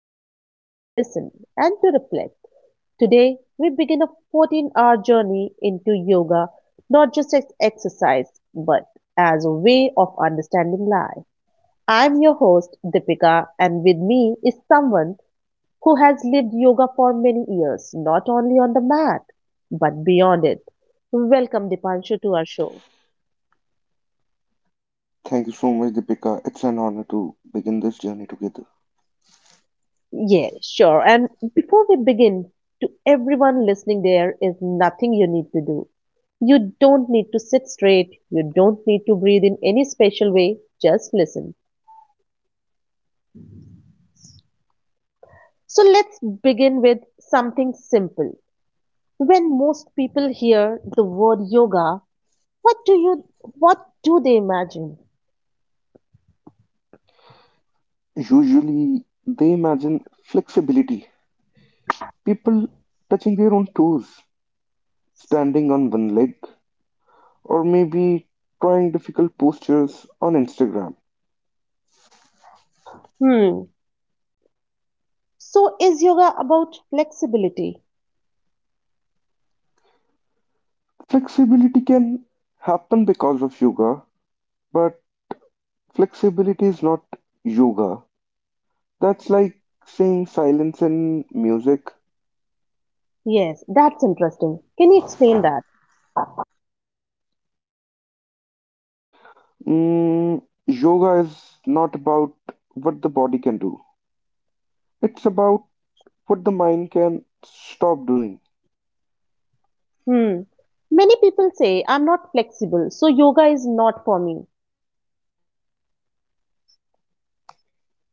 down, to listen, and to reflect. Today, we begin a 14-hour journey into yoga, not just as exercise, but as a way of understanding life. I'm your host, Deepika, and with me is someone who has lived yoga for many years, not only on the mat, but beyond it. Welcome, Dipanshu, to our show. Thank you so much, Deepika. It's an honor to begin this journey together. Yeah, sure. And before we begin, to everyone listening, there is nothing you need to do. You don't need to sit straight. You don't need to breathe in any special way. Just listen. So let's begin with something simple. When most people hear the word yoga, what do they imagine? Usually, they imagine flexibility, people touching their own toes, standing on one leg, or maybe trying difficult postures on Instagram. Hmm. So is yoga about flexibility? Flexibility can happen because of yoga, but flexibility is not yoga. That's like saying silence in music. Yes, that's interesting. Can you explain that? Yoga is not about what the body can do. It's about what the mind can stop doing. Hmm. Many people say I'm not flexible, so yoga is not for me.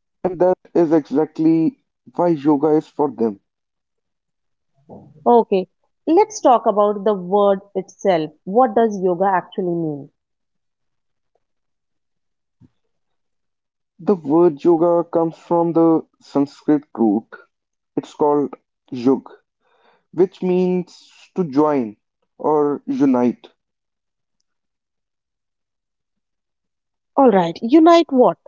And that is exactly why yoga is for them. Okay, let's talk about the word itself. What does yoga actually mean? The word yoga comes from the Sanskrit root. It's called yug, which means to join or unite. All right, unite what?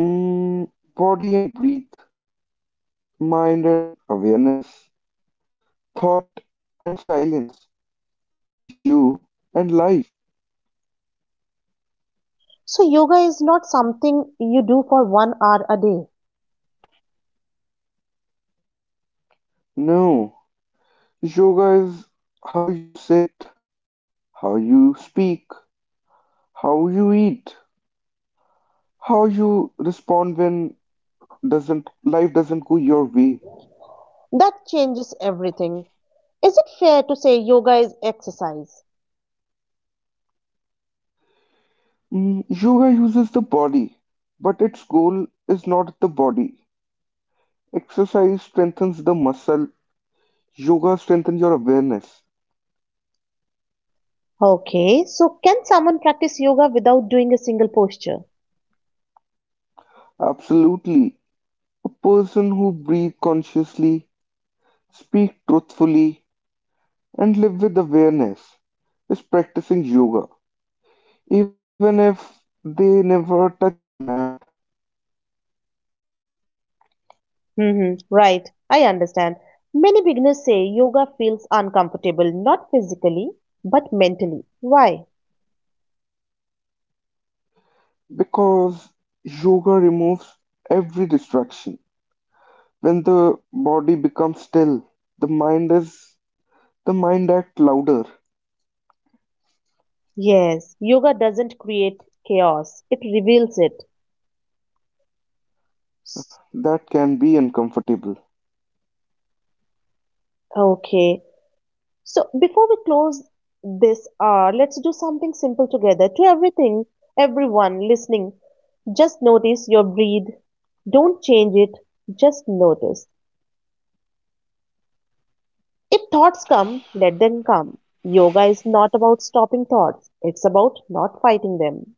Mm, Body and breath, mind and awareness, thought and silence, you and life. So, yoga is not something you do for 1 hour a day. No, yoga is how you sit, how you speak, how you eat, how you respond when doesn't life doesn't go your way. That changes everything. Is it fair to say yoga is exercise? Yoga uses the body, but its goal is not the body. Exercise strengthens the muscle. Yoga strengthens your awareness. Okay, so can someone practice yoga without doing a single posture? Absolutely. A person who breathes consciously, speak truthfully, and live with awareness is practicing yoga, even if they never touch a mat. Hmm. Right, I understand. Many beginners say yoga feels uncomfortable, not physically, but mentally. Why? Because yoga removes every distraction. When the body becomes still, the mind is the mind acts louder. Yes, yoga doesn't create chaos, it reveals it. S- That can be uncomfortable Okay, so before we close this hour, let's do something simple together. Everyone listening, just notice your breathe. Don't change it, just notice. If thoughts come, let them come. Yoga is not about stopping thoughts, it's about not fighting them.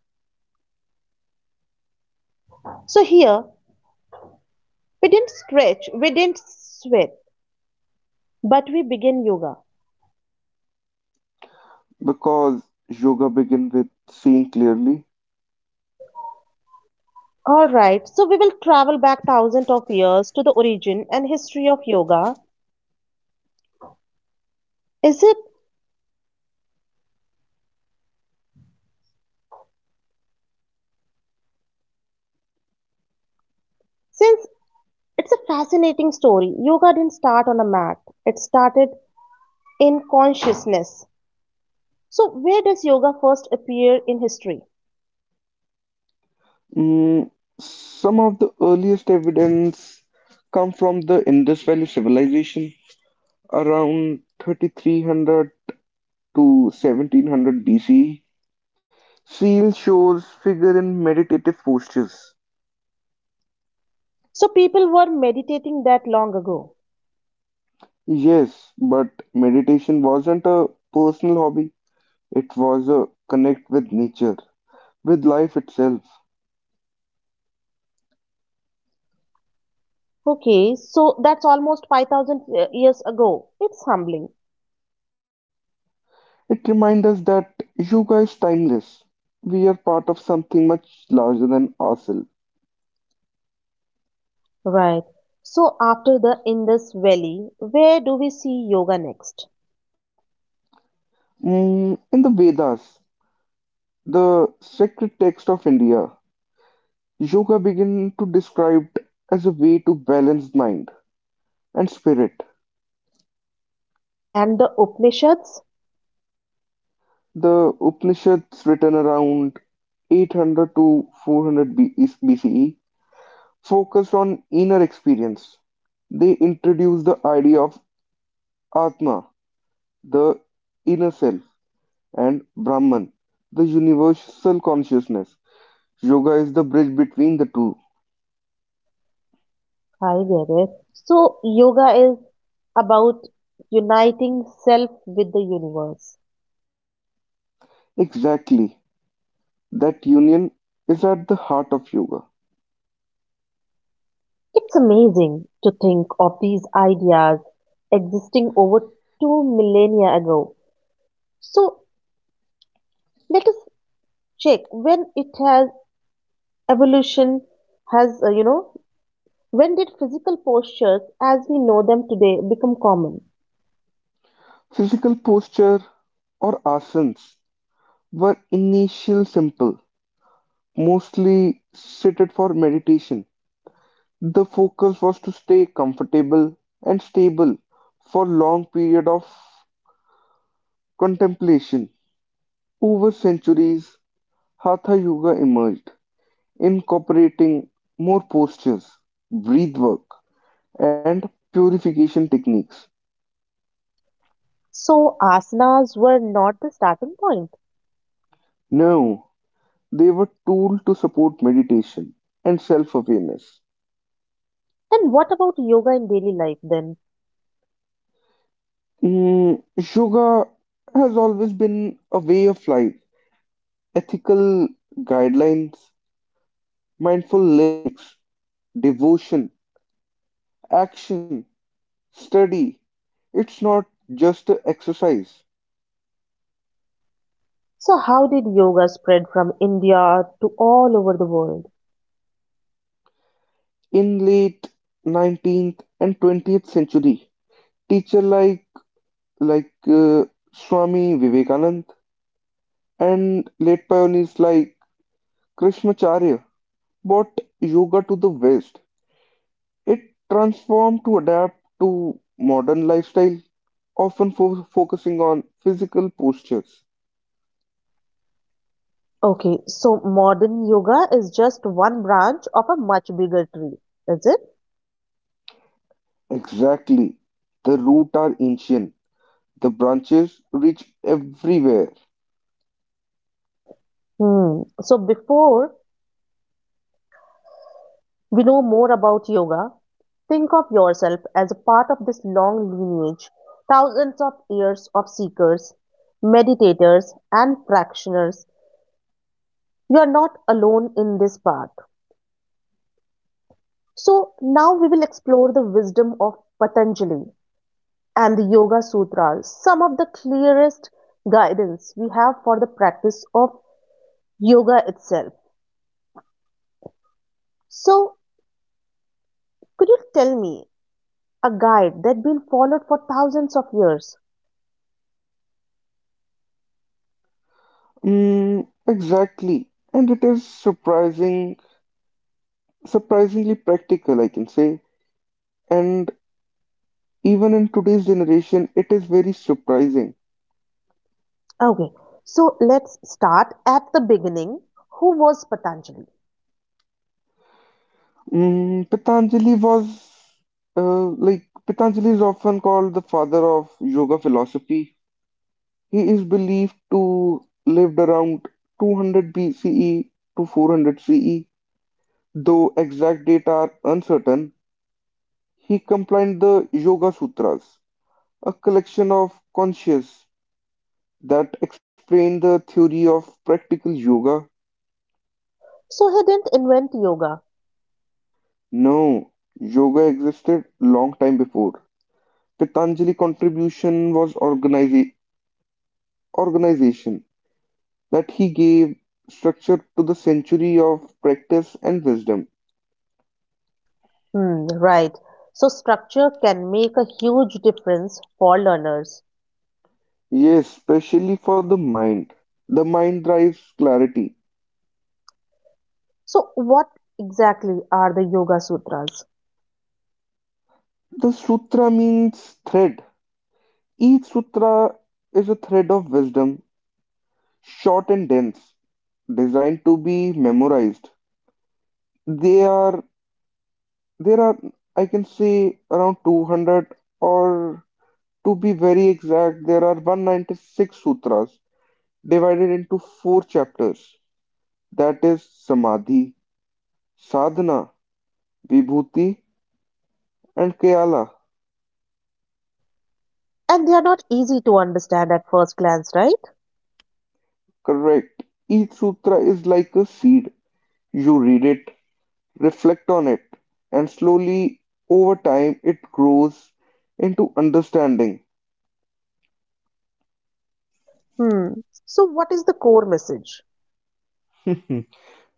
So here, we didn't stretch, we didn't sweat, but we begin yoga. because yoga begins with seeing clearly. Alright, so we will travel back thousands of years to the origin and history of yoga. Is it? Since it's a fascinating story, yoga didn't start on a mat, it started in consciousness. So, where does yoga first appear in history? Mm, some of the earliest evidence come from the Indus Valley civilization around 3300 to 1700 BCE. Seal shows figure in meditative postures. So, people were meditating that long ago. Yes, but meditation wasn't a personal hobby. It was a connect with nature, with life itself. Okay, so that's almost 5,000 years ago. It's humbling. It reminds us that yoga is timeless. We are part of something much larger than ourselves. Right. So after the Indus Valley, where do we see yoga next? In the Vedas, the sacred text of India, yoga began to described as a way to balance mind and spirit. And the Upanishads? The Upanishads written around 800 to 400 BCE focused on inner experience. They introduced the idea of Atma, the inner self, and Brahman, the universal consciousness. Yoga is the bridge between the two. I get it. So yoga is about uniting self with the universe. Exactly. That union is at the heart of yoga. It's amazing to think of these ideas existing over 2 millennia ago. So let us check when it has evolution has you know when did physical postures as we know them today become common? Physical posture or asanas were initial simple, mostly suited for meditation. The focus was to stay comfortable and stable for long period of contemplation. Over centuries, Hatha Yoga emerged, incorporating more postures, breath work, and purification techniques. So, asanas were not the starting point. Now, they were tools to support meditation and self-awareness. And what about yoga in daily life then? Mm, Yoga has always been a way of life, ethical guidelines, mindful livings, devotion, action, study. It's not just a exercise. So, how did yoga spread from India to all over the world? In late 19th and 20th century, teacher like Swami Vivekanand and late pioneers like Krishnamacharya brought yoga to the West. It transformed to adapt to modern lifestyle, often focusing on physical postures. Okay, so modern yoga is just one branch of a much bigger tree, is it? Exactly. The roots are ancient. The branches reach everywhere. Hmm. So, before we know more about yoga, think of yourself as a part of this long lineage, thousands of years of seekers, meditators, and practitioners. You are not alone in this path. So, now we will explore the wisdom of Patanjali and the Yoga Sutras, some of the clearest guidance we have for the practice of yoga itself. So, could you tell me a guide that has been followed for thousands of years? Exactly. And it is surprisingly practical, I can say. And even in today's generation, it is very surprising. Okay, so let's start at the beginning. Who was Patanjali? Mm, Patanjali was, uh, like, Patanjali is often called the father of yoga philosophy. He is believed to lived around 200 BCE to 400 CE, though exact data are uncertain. He compiled the Yoga Sutras, a collection of "conscious" that explain the theory of practical yoga. So he didn't invent yoga. No, yoga existed long time before. Patanjali contribution was organization that he gave structure to the century of practice and wisdom. Hmm, right. So structure can make a huge difference for learners. Yes, especially for the mind. The mind drives clarity. So what exactly are the Yoga Sutras? The sutra means thread. Each sutra is a thread of wisdom, short and dense, designed to be memorized. They are There are, I can say, around 200, or to be very exact there are 196 sutras divided into four chapters, that is samadhi, sadhana, vibhuti and kayala. And they are not easy to understand at first glance, right? Correct. Each sutra is like a seed. You read it, reflect on it, and slowly over time it grows into understanding. Hmm. So what is the core message?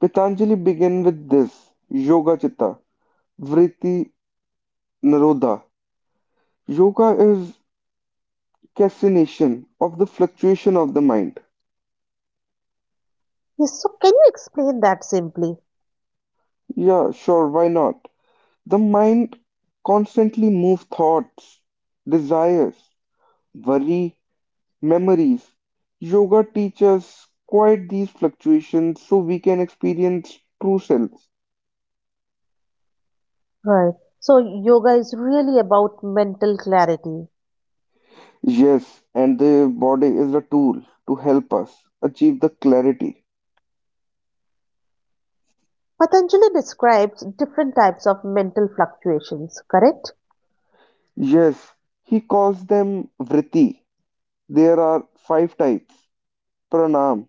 Patanjali began with this Yoga Chitta Vritti Naroda. Yoga is cessation of the fluctuation of the mind. Yes, so can you explain that simply? Yeah, sure, why not? The mind constantly moves thoughts, desires, worry, memories. Yoga teaches quiet these fluctuations so we can experience true self. Right. So yoga is really about mental clarity. Yes, and the body is a tool to help us achieve the clarity. Patanjali describes different types of mental fluctuations, correct? Yes, he calls them vritti. There are five types. Pranam,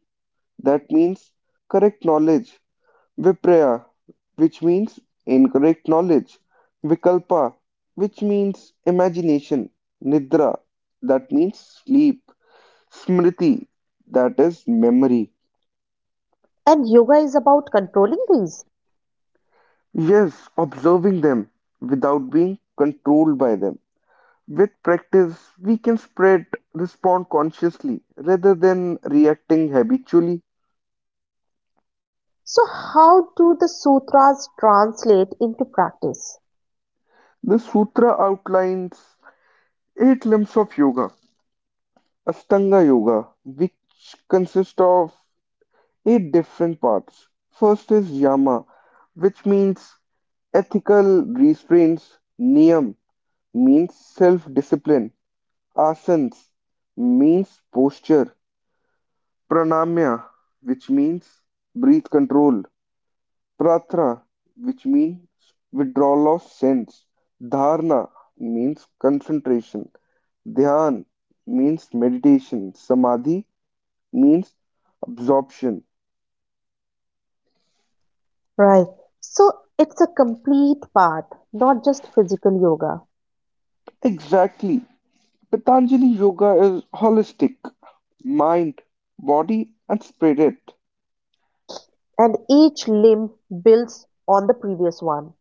that means correct knowledge. Vipraya, which means incorrect knowledge. Vikalpa, which means imagination. Nidra, that means sleep. Smriti, that is memory. And yoga is about controlling these. Yes, observing them without being controlled by them. With practice, we can spread respond consciously rather than reacting habitually. So, how do the sutras translate into practice? The sutra outlines eight limbs of yoga, Ashtanga Yoga, which consists of eight different parts. First is Yama, which means ethical restraints. Niyam means self discipline. Asanas means posture. Pranamya, which means breath control. Prarthana which means withdrawal of sense, dharana means concentration, dhyan means meditation, samadhi means absorption. Right. So, it's a complete path, not just physical yoga. Exactly. Patanjali Yoga is holistic, mind, body, and spirit. And each limb builds on the previous one.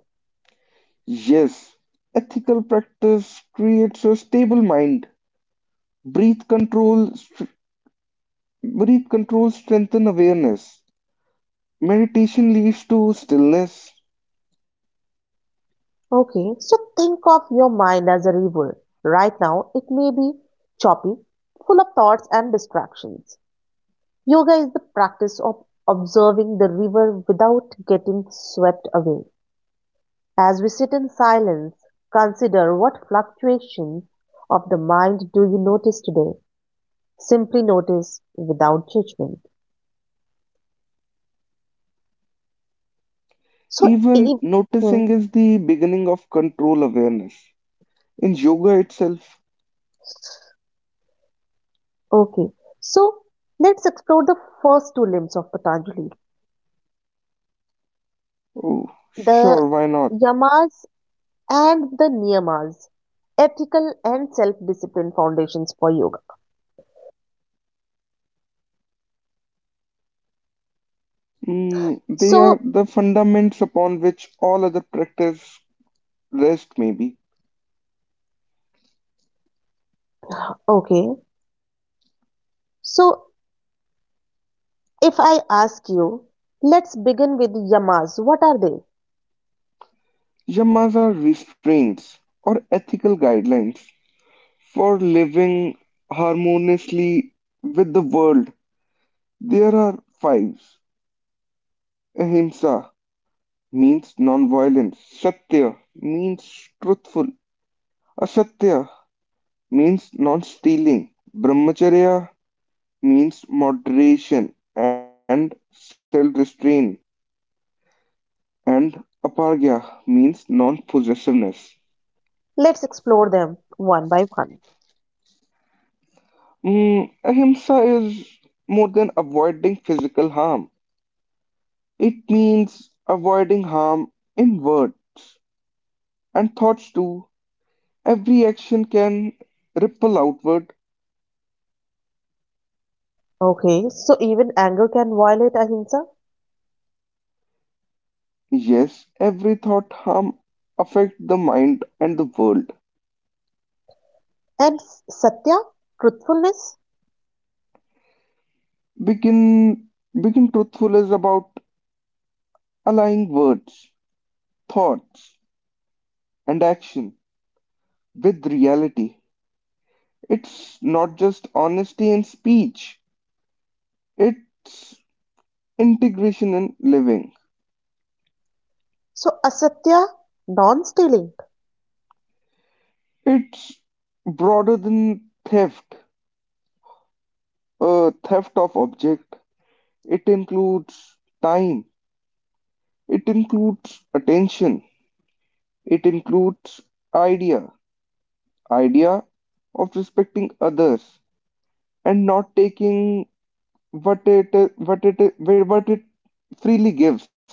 Yes, ethical practice creates a stable mind. Breath control, str- Breath control strengthens awareness. Meditation leads to stillness. Okay. So, think of your mind as a river. Right now, it may be choppy, full of thoughts and distractions. Yoga is the practice of observing the river without getting swept away. As we sit in silence, consider what fluctuations of the mind do you notice today? Simply notice without judgment. So, Even if, hmm, noticing is the beginning of control awareness. In yoga itself, okay, so let's explore the first two limbs of Patanjali, oh, the sure, why not? yamas and the niyamas, ethical and self discipline foundations for yoga. They So, are the fundaments upon which all other practice rest, maybe. okay, so If I ask you, let's begin with yamas. What are they? Yamas are restraints or ethical guidelines for living harmoniously with the world. There are fives. Ahimsa means non-violence. Satya means truthful. Asatya means non-stealing. Brahmacharya means moderation and self-restraint. And apargya means non-possessiveness. Let's explore them one by one. Ahimsa is more than avoiding physical harm. It means avoiding harm in words and thoughts too. Every action can ripple outward. Okay, so even anger can violate ahimsa. Yes, every thought harm affect the mind and the world. And satya, truthfulness. Begin begin truthful is about aligning words, thoughts, and action with reality. It's not just honesty in speech, it's integration in living. So asatya, non stealing. It's broader than theft, a theft of object. It includes time, it includes attention, it includes idea, idea of respecting others and not taking what it what it freely gives.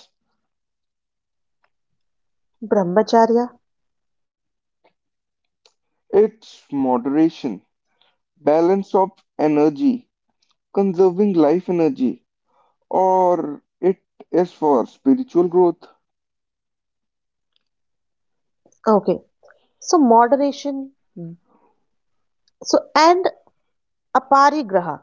Brahmacharya. It's moderation, balance of energy, conserving life energy, or it is for spiritual growth. Okay, so moderation. Hmm. So, and aparigraha.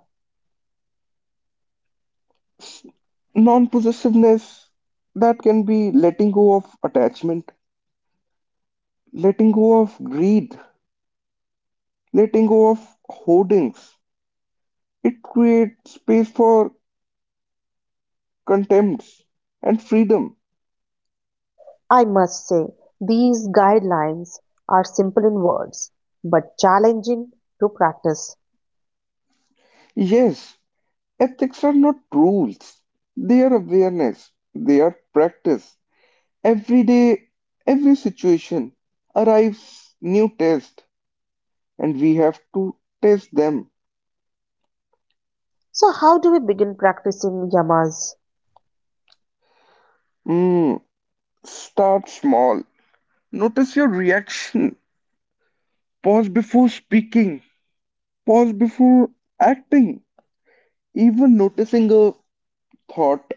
Non possessiveness that can be letting go of attachment, letting go of greed, letting go of hoardings. It creates space for contempts and freedom. I must say, these guidelines are simple in words but challenging to practice. Yes, ethics are not rules, they are awareness, they are practice. Every day, every situation arrives new test and we have to test them. So, how do we begin practicing yamas? Hmm. Start small. Notice your reaction. Pause before speaking. Pause before acting. Even noticing a thought,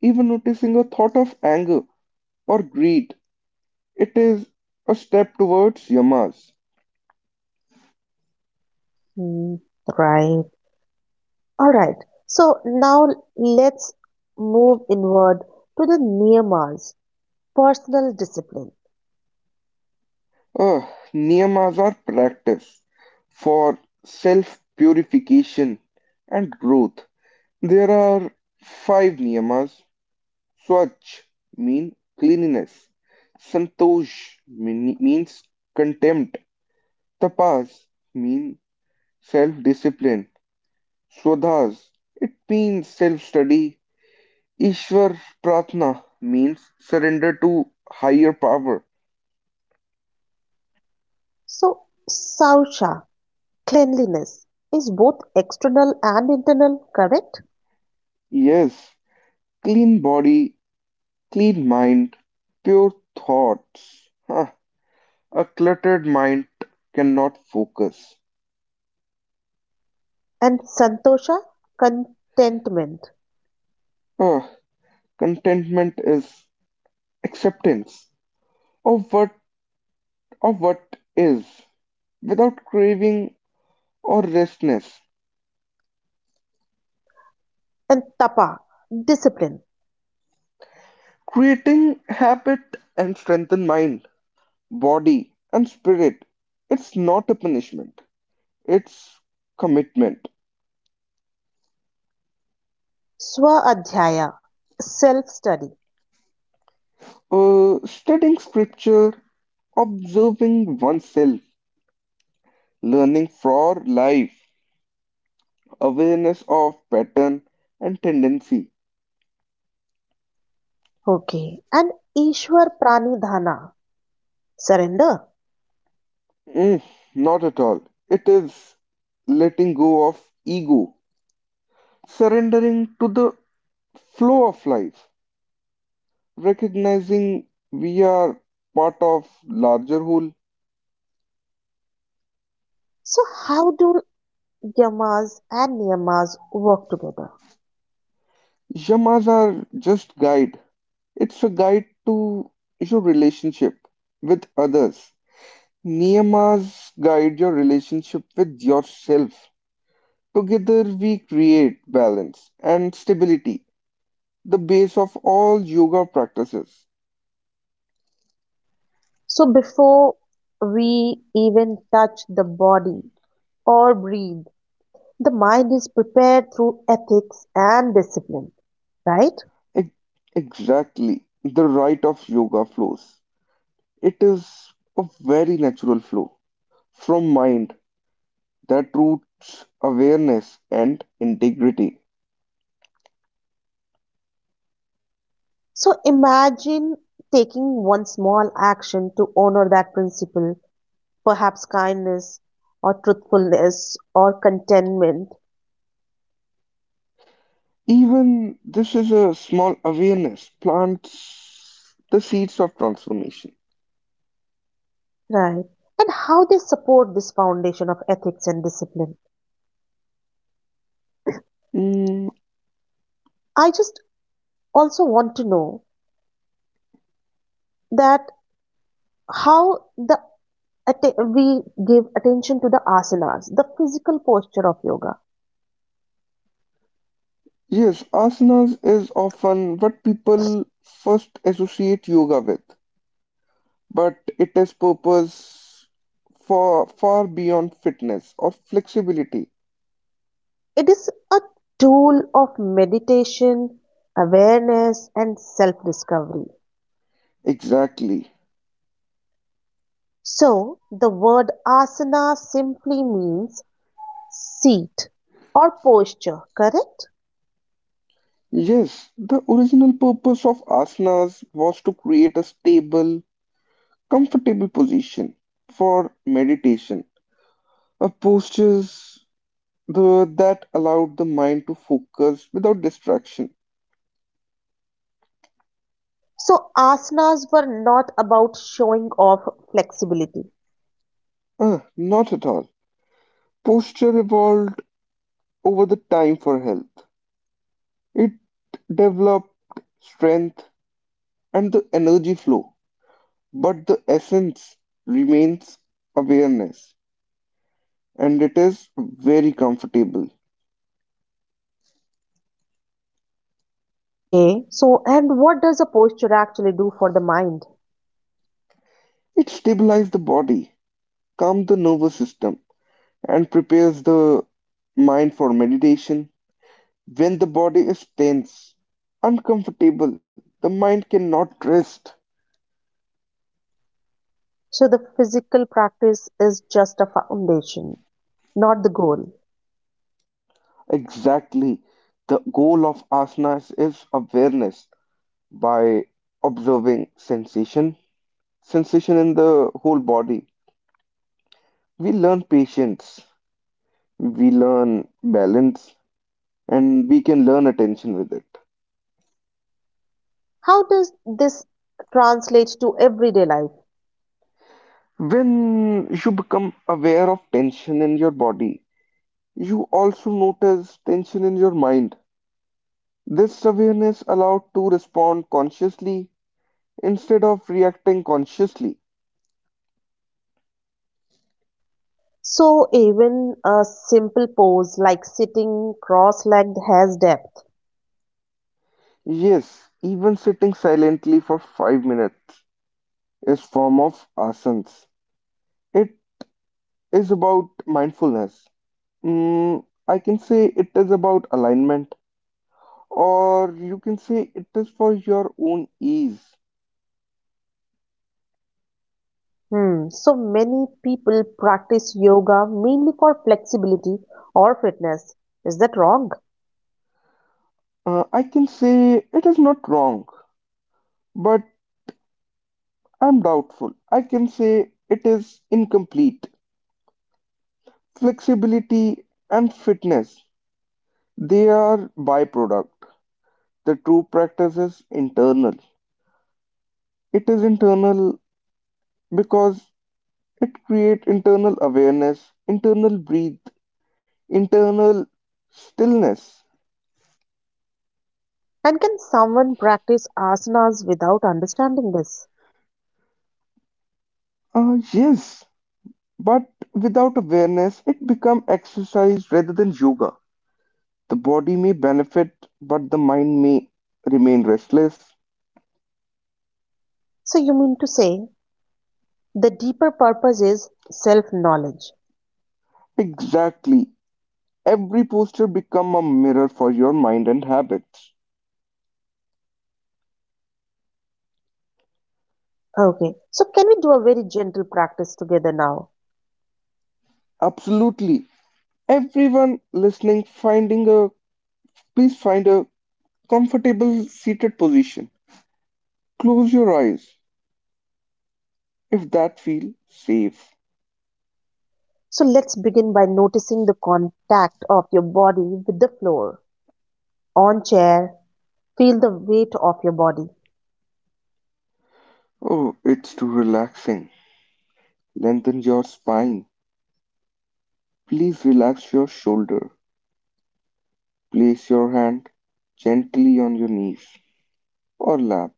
even noticing a thought of anger or greed, it is a step towards yamas. Mm. Right. All right. So now let's move inward to the near Mars, personal discipline. Uh, Niyamas are practice for self purification and growth. There are five niyamas. Swachh mean cleanliness. Santosh means contempt. Tapas mean self-discipline. Swadhas it means self-study. Ishwar Pratna means surrender to higher power. So, Sausha, cleanliness is both external and internal, correct? Yes, clean body, clean mind, pure thoughts. Huh, a cluttered mind cannot focus. And Santosha, contentment. Ah, contentment is acceptance of what is without craving or restlessness. And Tapa, discipline. Creating habit and strengthen mind, body and spirit. It's not a punishment. It's commitment. Swaadhyaya, self study. Studying scripture, observing oneself, learning for life, awareness of pattern and tendency. Okay. And Ishwar Pranidhana, surrender. Mm, Not at all. It is letting go of ego, surrendering to the flow of life, recognizing we are part of larger whole. So, how do yamas and niyamas work together? Yamas are just guide. It's a guide to your relationship with others. Niyamas guide your relationship with yourself. Together we create balance and stability, the base of all yoga practices. So before we even touch the body or breathe, the mind is prepared through ethics and discipline, right? Ex- Exactly. The right of yoga flows. It is a very natural flow from mind that roots awareness and integrity. So imagine taking one small action to honor that principle, perhaps kindness or truthfulness or contentment, Even this is a small awareness plants the seeds of transformation. right? And how they support this foundation of ethics and discipline. Mm, I just also want to know that how the we give attention to the asanas, the physical posture of yoga. yes, asanas is often what people first associate yoga with, but it has purpose for far beyond fitness or flexibility. It is a tool of meditation, awareness, and self discovery. Exactly. So, the word asana simply means seat or posture, correct? Yes, the original purpose of asanas was to create a stable, comfortable position for meditation, a postures that allowed the mind to focus without distraction. So, asanas were not about showing off flexibility. Ah, not at all. Posture evolved over the time for health. It developed strength and the energy flow, but the essence remains awareness, and it is very comfortable. Okay, so and what does a posture actually do for the mind? It stabilizes the body, calms the nervous system, and prepares the mind for meditation. When the body is tense, uncomfortable, the mind cannot rest. So the physical practice is just a foundation, not the goal. Exactly. The goal of asanas is awareness by observing sensation in the whole body. We learn patience, we learn balance, and we can learn attention with it. How does this translate to everyday life? When you become aware of tension in your body, you also notice tension in your mind. This awareness allowed to respond consciously instead of reacting consciously. So even a simple pose like sitting cross-legged has depth. Yes, even sitting silently for 5 minutes is form of asanas. It is about mindfulness. I can say it is about alignment, or you can say it is for your own ease. Hmm. So many people practice yoga mainly for flexibility or fitness. Is that wrong? I can say it is not wrong. But I'm doubtful. I can say it is incomplete. Flexibility and fitness, they are byproduct. The true practice is internal. It is internal because it creates internal awareness, internal breathe, internal stillness. And can someone practice asanas without understanding this? Yes, but without awareness, it becomes exercise rather than yoga. The body may benefit, but the mind may remain restless. So you mean to say the deeper purpose is self-knowledge. Exactly. Every poster become a mirror for your mind and habits. Okay, so can we do a very gentle practice together now? Absolutely. Everyone listening finding a please find a comfortable seated position. Close your eyes if that feel safe. So let's begin by noticing the contact of your body with the floor. On chair, feel the weight of your body. Oh, it's too relaxing. Lengthen your spine. Please relax your shoulder. Place your hand gently on your knees or lap.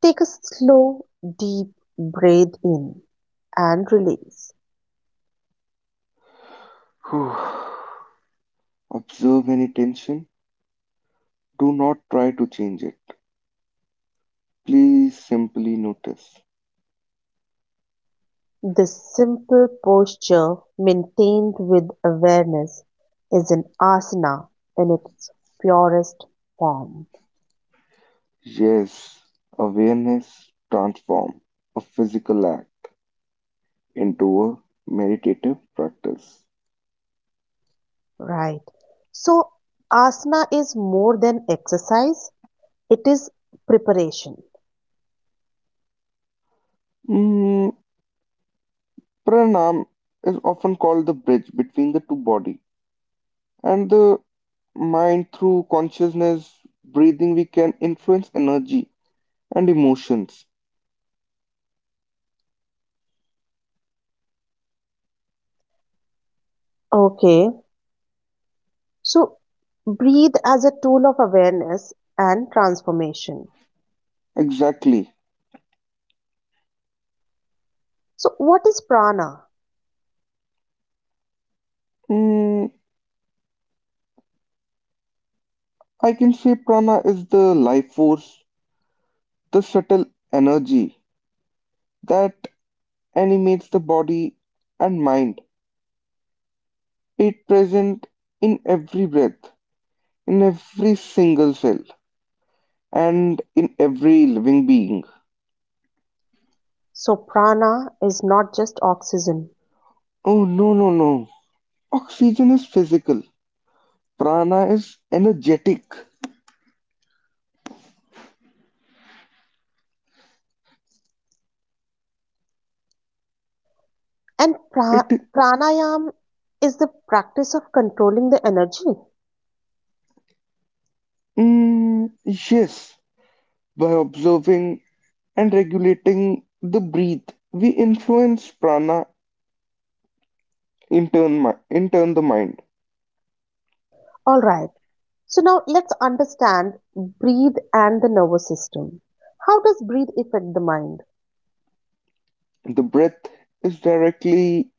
Take a slow, deep breath in and release. Whew. Observe any tension. Do not try to change it. Please simply notice. This simple posture, maintained with awareness, is an asana in its purest form. Yes, awareness transform a physical act into a meditative practice. Right. So, asana is more than exercise. It is preparation. Mm, pranam is often called the bridge between the two body and the mind. Through consciousness breathing we can influence energy and emotions. Okay. So breathe as a tool of awareness and transformation. Exactly. So what is prana? Mm, i can say prana is the life force, the subtle energy that animates the body and mind. It present in every breath, in every single cell, and in every living being. So prana is not just oxygen. Oh, no, no, no. Oxygen is physical. Prana is energetic. And It pranayam is the practice of controlling the energy. Yes. By observing and regulating the breath, we influence prana, in turn the mind. All right. So now let's understand breathe and the nervous system. How does breathe affect the mind? The breath is directly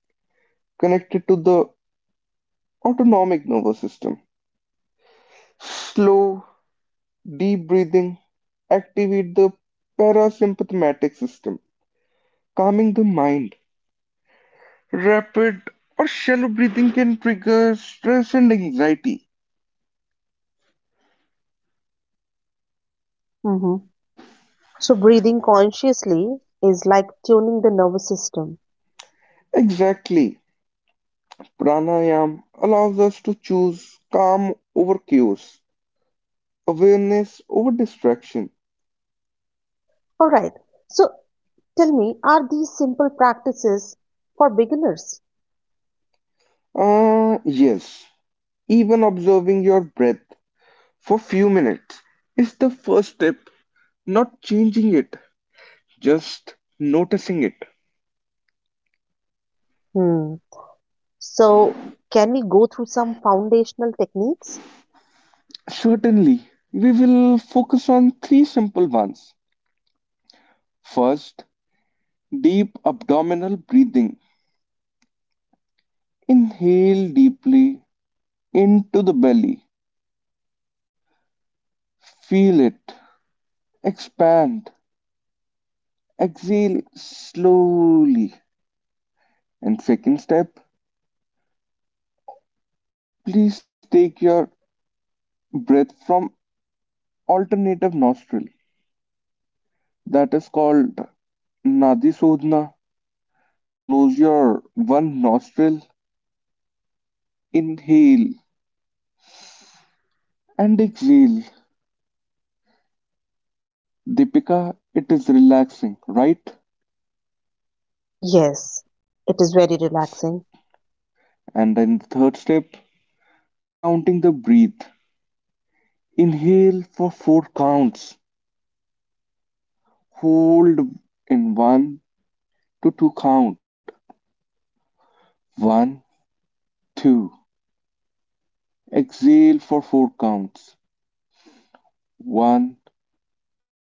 connected to the autonomic nervous system. Slow deep breathing activate the parasympathetic system, calming the mind. Rapid or shallow breathing can trigger stress and anxiety. Mhm. So breathing consciously is like tuning the nervous system. Exactly. Pranayam allows us to choose calm over chaos, awareness over distraction. All right. So tell me, are these simple practices for beginners? Ah, yes. Even observing your breath for few minutes is the first step, not changing it, just noticing it. Hmm. So, can we go through some foundational techniques? Certainly, we will focus on three simple ones. First, deep abdominal breathing. Inhale deeply into the belly. Feel it expand. Exhale slowly. And second step, please take your breath from alternative nostril. That is called Nadi Sodhana. Close your one nostril, inhale and exhale. Deepika, it is relaxing, right? Yes, it is very relaxing. And then the third step, counting the breath. Inhale for four counts. Hold in one to two count. One, two. Exhale for four counts. One,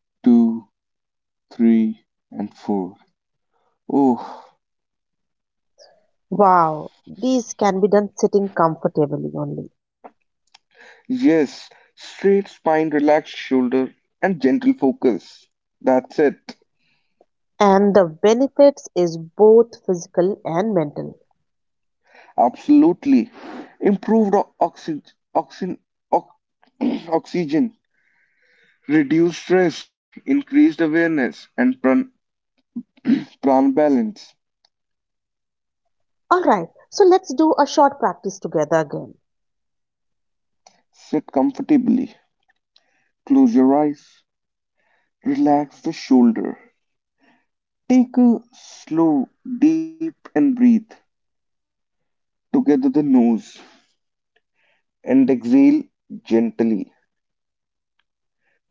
two, three, and four. Oh, Wow, these can be done sitting comfortably only. yes. Straight spine, relaxed shoulder, and gentle focus. That's it. And the benefits is both physical and mental. Absolutely. Improved oxy oxy ox oxygen, reduced stress, increased awareness, and pran balance. All right, so let's do a short practice together again. Sit comfortably. Close your eyes. Relax the shoulder. Take a slow, deep, and breathe. Together the nose and exhale gently.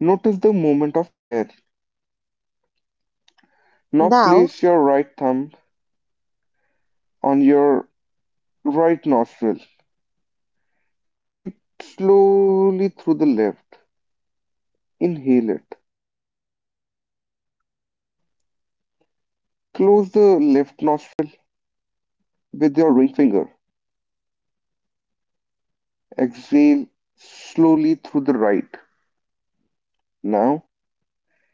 Notice the movement of air. Now Now, place your right thumb on your right nostril, and slowly through the left. Inhale it. Close the left nostril with your ring finger. Exhale slowly through the right. Now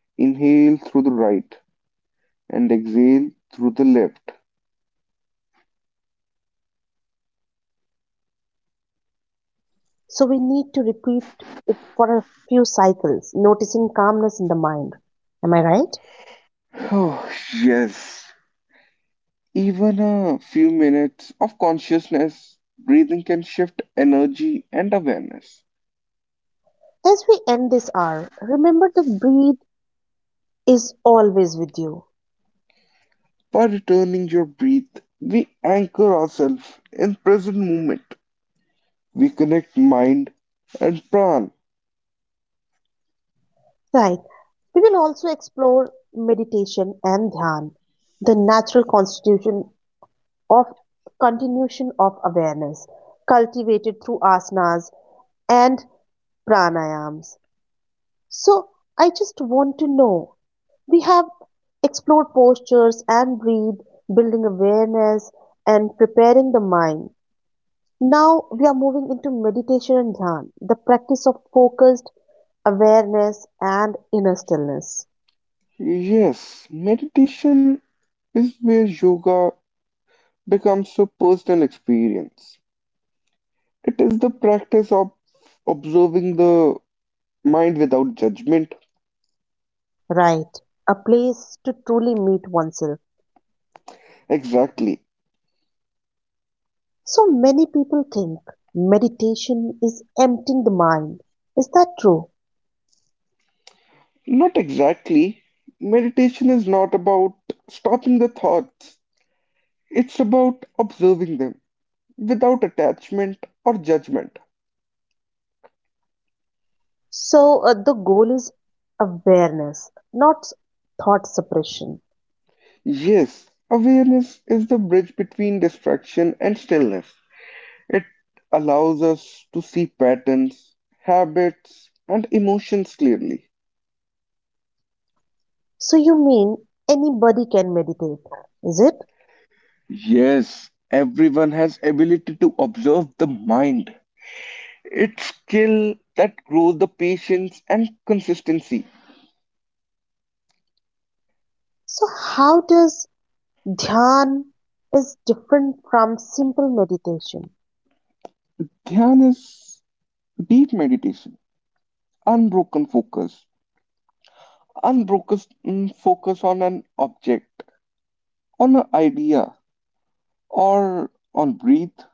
inhale through the right and exhale through the left. so we need to repeat it for a few cycles, noticing calmness in the mind. Am I right? Oh, yes. Even a few minutes of consciousness breathing can shift energy and awareness. As we end this hour, remember the breathe is always with you. By returning your breath, we anchor ourselves in present moment. We connect mind and pran. Right. We will also explore meditation and dhyan, the natural constitution of continuation of awareness, cultivated through asanas and pranayams. So I just want to know, we have explored postures and breathe, building awareness and preparing the mind. Now we are moving into meditation and dhyan, the practice of focused awareness and inner stillness. Yes, meditation is where yoga becomes a personal experience. It is the practice of observing the mind without judgment. Right, a place to truly meet oneself. Exactly. So many people think meditation is emptying the mind. Is that true? Not exactly. Meditation is not about stopping the thoughts, it's about observing them without attachment or judgment. So the goal is awareness, not thought suppression. Yes, awareness is the bridge between distraction and stillness. It allows us to see patterns, habits, and emotions clearly. So you mean anybody can meditate, is it? Yes, everyone has ability to observe the mind. It's skill that grows the patience and consistency. So how does Dhyan is different from simple meditation? Dhyan is deep meditation, unbroken focus, unbroken focus on an object, on an idea, or on breath.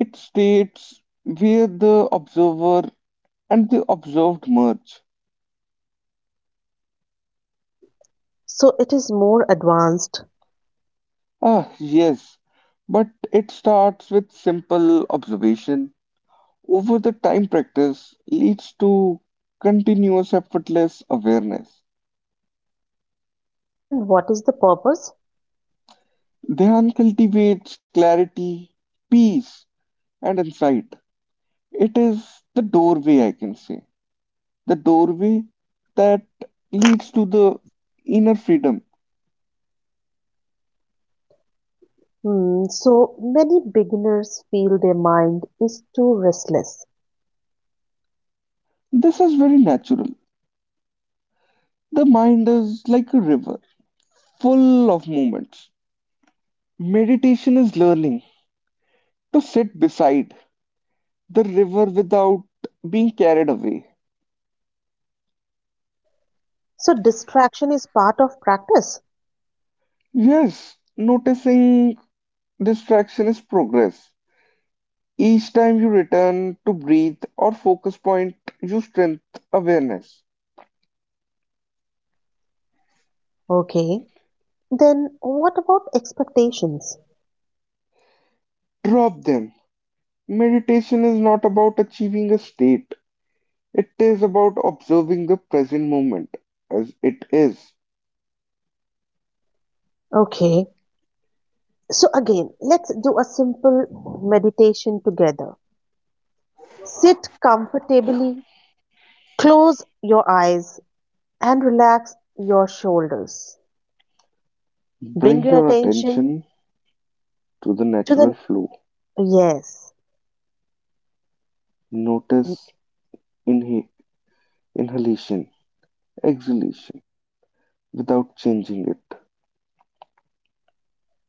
It states where the observer and the observed merge. So it is more advanced. Ah, yes, but it starts with simple observation. Over the time, practice leads to continuous effortless awareness. And what is the purpose? Dhyan cultivates clarity, peace, and insight. It is the doorway, I can say, the doorway that leads to the inner freedom. Hmm, so many beginners feel their mind is too restless. This is very natural. The mind is like a river, full of movements. Meditation is learning to sit beside the river without being carried away. So distraction is part of practice. Yes, noticing distraction is progress. Each time you return to breathe or focus point, you strengthen awareness. Okay. Then what about expectations? Drop them. Meditation is not about achieving a state, it is about observing the present moment as it is. Okay. So again, let's do a simple meditation together. Sit comfortably, close your eyes and relax your shoulders. Bring Bring your your attention attention to the to natural the, flow. yes, Notice inha- inhalation, exhalation without changing it.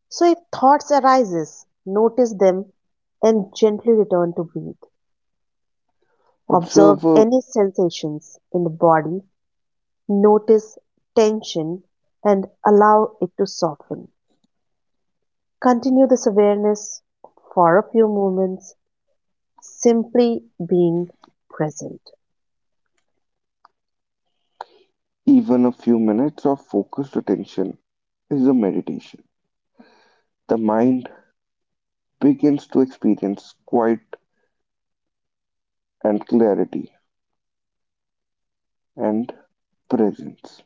so if thoughts arises notice them and gently return to breathe. Observe Observe a. any sensations in the body, notice tension and allow it to soften. Continue this awareness for a few moments, simply being present. Even a few minutes of focused attention is a meditation. The mind begins to experience quiet and clarity and presence.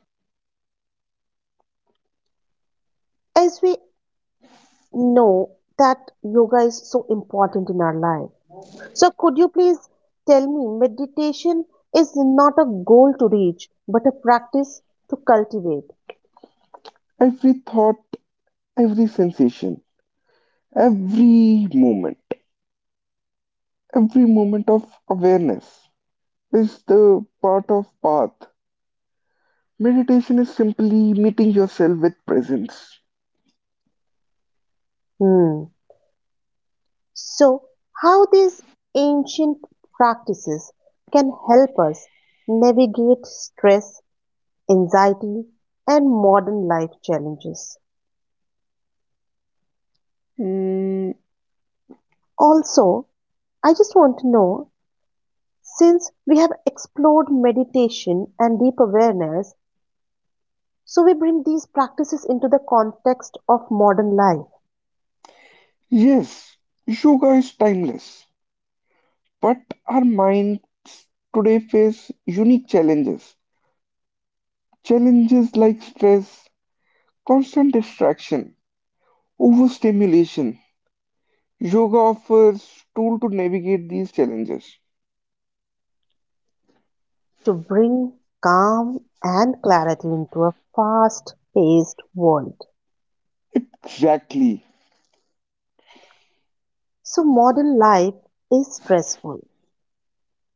As we know that yoga is so important in our life, so, could you please tell me meditation is not a goal to reach, but a practice to cultivate? Every thought, every sensation, every moment, every moment of awareness is the part of path. Meditation is simply meeting yourself with presence. Hmm. So, how these ancient practices can help us navigate stress, anxiety, and modern life challenges? Mm, Also, I just want to know, since we have explored meditation and deep awareness, so we bring these practices into the context of modern life. yes, yoga is timeless. But our minds today face unique challenges. Challenges like stress, constant distraction, overstimulation. Yoga offers tool to navigate these challenges. To bring calm and clarity into a fast paced world. Exactly. So, modern life is stressful.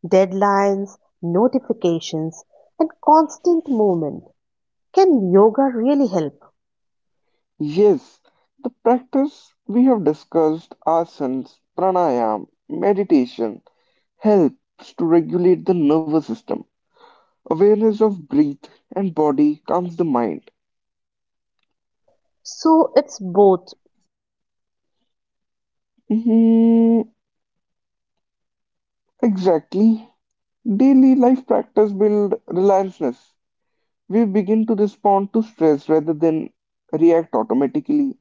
Deadlines, notifications, and constant movement. Can yoga really help? Yes, the practice we have discussed asanas, pranayam, meditation helps to regulate the nervous system. Awareness of breath and body calms the mind. So, it's both preventive and restorative. Mhm, exactly. Daily life practice build relentlessness. We begin to respond to stress rather than react automatically.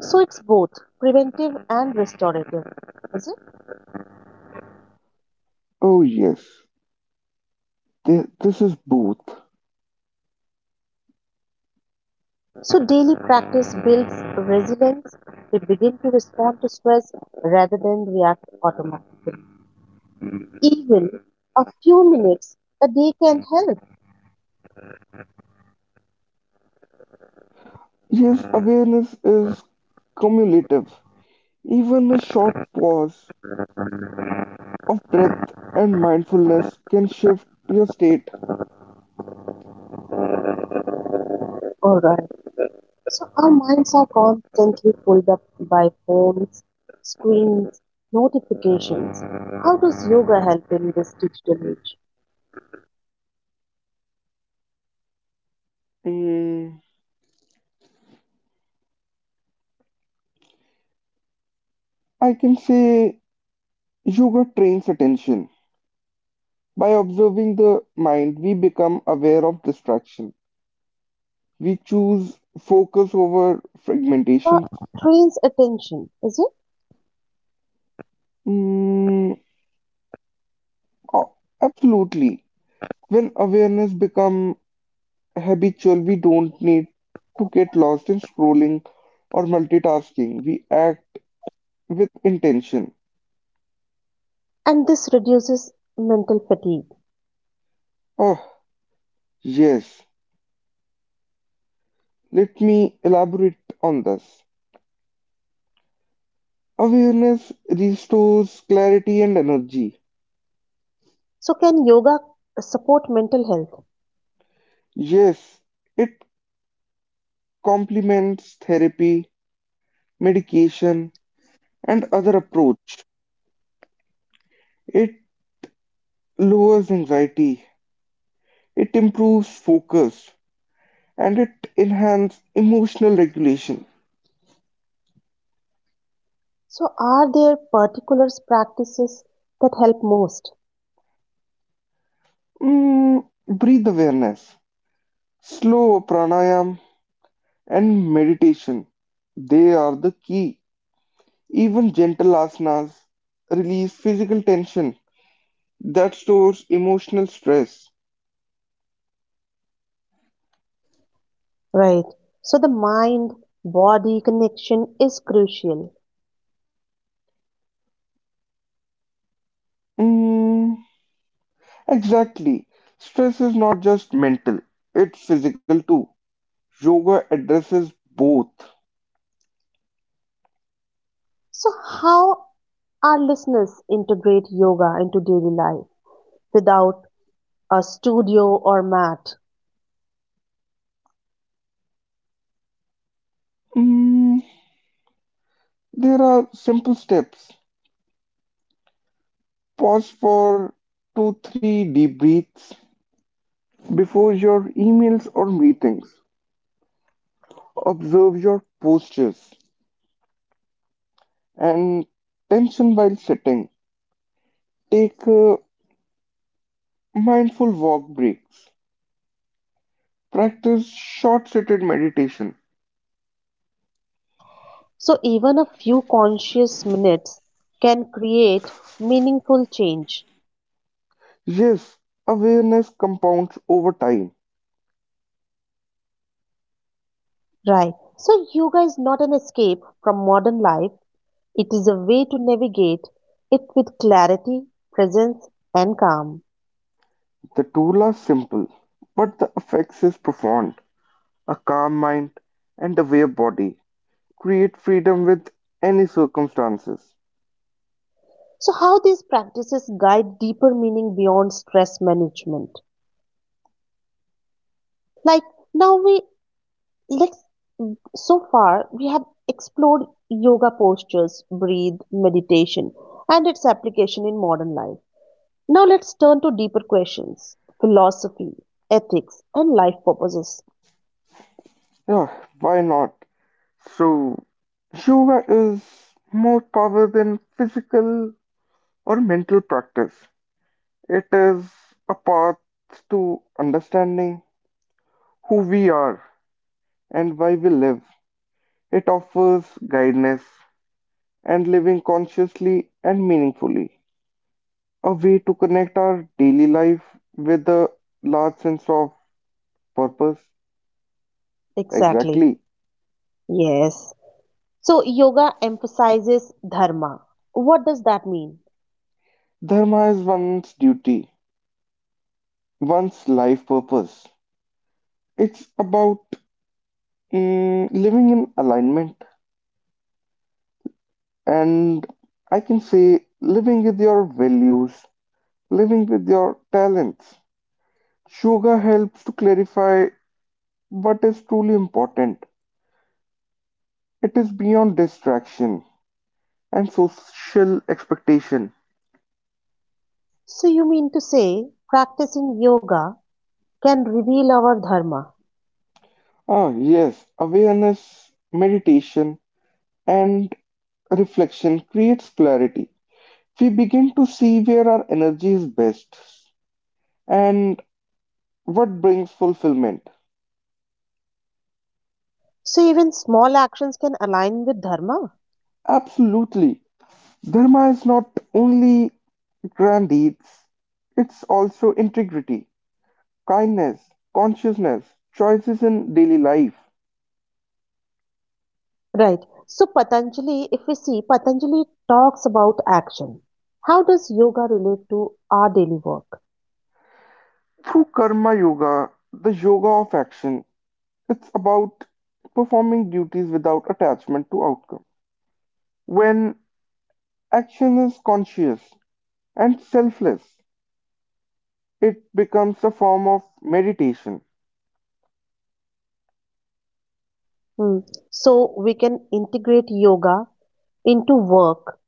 So, it's both preventive and restorative. Is it? Oh yes, this is both. So, daily practice builds resilience. We begin to respond to stress rather than react automatically. Even a few minutes a day can help. Yes, awareness is cumulative. Even a short pause of breath and mindfulness can shift your state. Alright. So our minds are constantly pulled up by phones, screens, notifications. How does yoga help in this digital age? Mm, I can say yoga trains attention. By observing the mind, we become aware of distraction. We choose focus over I think yoga fragmentation. trains attention, is it? Mm, oh, absolutely. When awareness become habitual, we don't need to get lost in scrolling or multitasking. We act with intention. And this reduces mental fatigue. Oh, yes. Let me elaborate on this. Awareness restores clarity and energy. So can yoga support mental health? Yes, it complements therapy, medication, and other approach. It lowers anxiety, it improves focus, and it enhances emotional regulation. So are there particular practices that help most? Breathe awareness, slow pranayam, and meditation. They are the key. Even gentle asanas release physical tension that stores emotional stress. Right. So the mind body connection is crucial. Mm, exactly. Stress is not just mental, it's physical too. Yoga addresses both. So, how our listeners integrate yoga into daily life without a studio or mat? Mm, There are simple steps. Pause for two, three deep breaths before your emails or meetings. Observe your postures and tension while sitting. Take mindful walk breaks. Practice short seated meditation. So, even a few conscious minutes can create meaningful change, Yes, awareness compounds over time. right? So, yoga is not an escape from modern life, it is a way to navigate it with clarity, presence, and calm. The tool are simple, but the effects is profound. A calm mind and aware body create freedom with any circumstances. So, how these practices guide deeper meaning beyond stress management? Like, now we Let's so far we have explored yoga postures, breathe, meditation, and its application in modern life. Now let's turn to deeper questions philosophy, ethics, and life purposes. Yeah, why not? So, yoga is more power than physical or mental practice. It is a path to understanding who we are and why we live. It offers guidance and living consciously and meaningfully, a way to connect our daily life with a large sense of purpose. Exactly. Exactly. Yes. So, yoga emphasizes dharma. What does that mean? Dharma is one's duty, one's life purpose. It's about living in alignment, and I can say living with your values, living with your talents. Yoga helps to clarify what is truly important. It is beyond distraction and social expectation. So, you mean to say practicing yoga can reveal our dharma? Ah, yes, awareness, meditation, and reflection creates clarity. We begin to see where our energy is best and what brings fulfillment. So, even small actions can align with dharma? Absolutely. Dharma is not only grand deeds, it's also integrity, kindness, consciousness, choices in daily life. Right. So Patanjali, if we see, Patanjali talks about action. How does yoga relate to our daily work? Through Karma Yoga, the yoga of action, it's about performing duties without attachment to outcome. When action is conscious and selfless, it becomes a form of meditation. Hmm. So we can integrate yoga into work,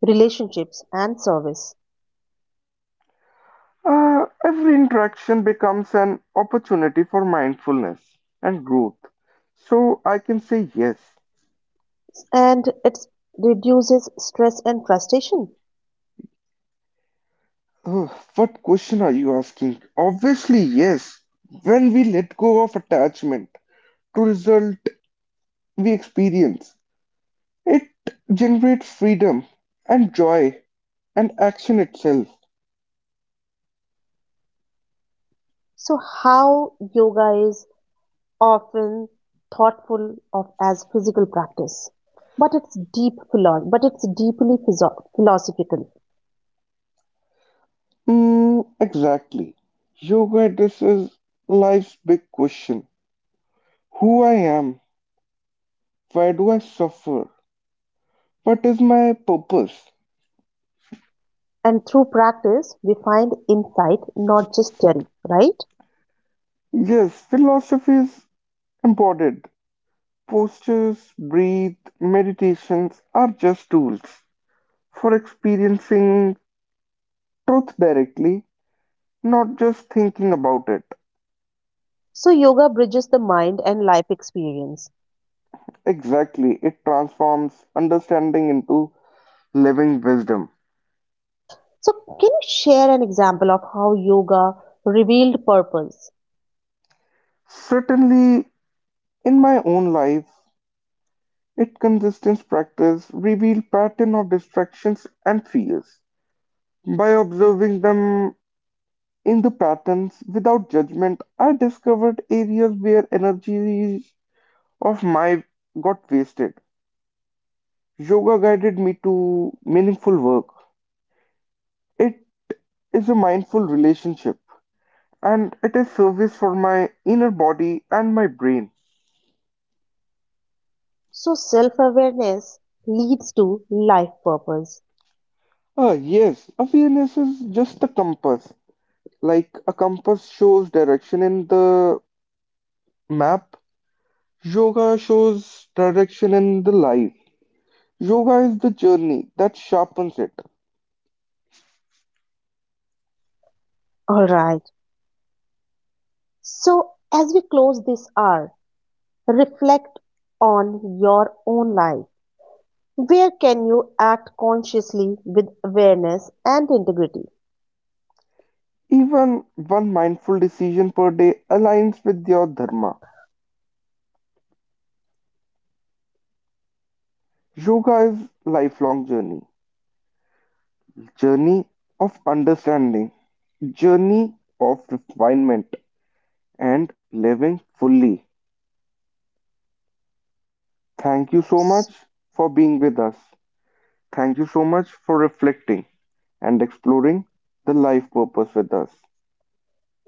relationships, and service, Every interaction becomes an opportunity for mindfulness and growth. So I can say yes. and it reduces stress and frustration. Uh, what question are you asking? Obviously, yes. When we let go of attachment to result we experience, it generates freedom and joy and action itself. So how yoga is often thoughtful of as physical practice, but it's deeply philosophical. Mm, exactly. Yoga addresses life's big question. Who I am? Why do I suffer? What is my purpose? And through practice, we find insight, not just theory, right? Yes, philosophy is embodied. Postures, breathe, meditations are just tools for experiencing truth directly, not just thinking about it. So, yoga bridges the mind and life experience. Exactly, it transforms understanding into living wisdom. So, can you share an example of how yoga revealed purpose? Certainly, in my own life, it consistent practice revealed pattern of distractions and fears. By observing them, in the patterns, without judgment, I discovered areas where energies of my got wasted. Yoga guided me to meaningful work. It is a mindful relationship and it is service for my inner body and my brain. So, self awareness leads to life purpose. Ah, yes, awareness is just a compass. Like a compass shows direction in the map, yoga shows direction in the life. Yoga is the journey that sharpens it. All right. So, as we close this hour, reflect on your own life. Where can you act consciously with awareness and integrity? Even one mindful decision per day aligns with your dharma. Yoga is lifelong journey, journey of understanding, journey of refinement and living fully. Thank you so much for being with us. Thank you so much for reflecting and exploring the life purpose with us.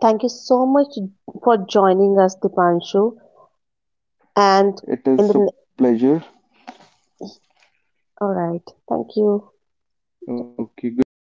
Thank you so much for joining us, Dipanshu. And It is in a the pleasure. All right, thank you. Okay, goodbye.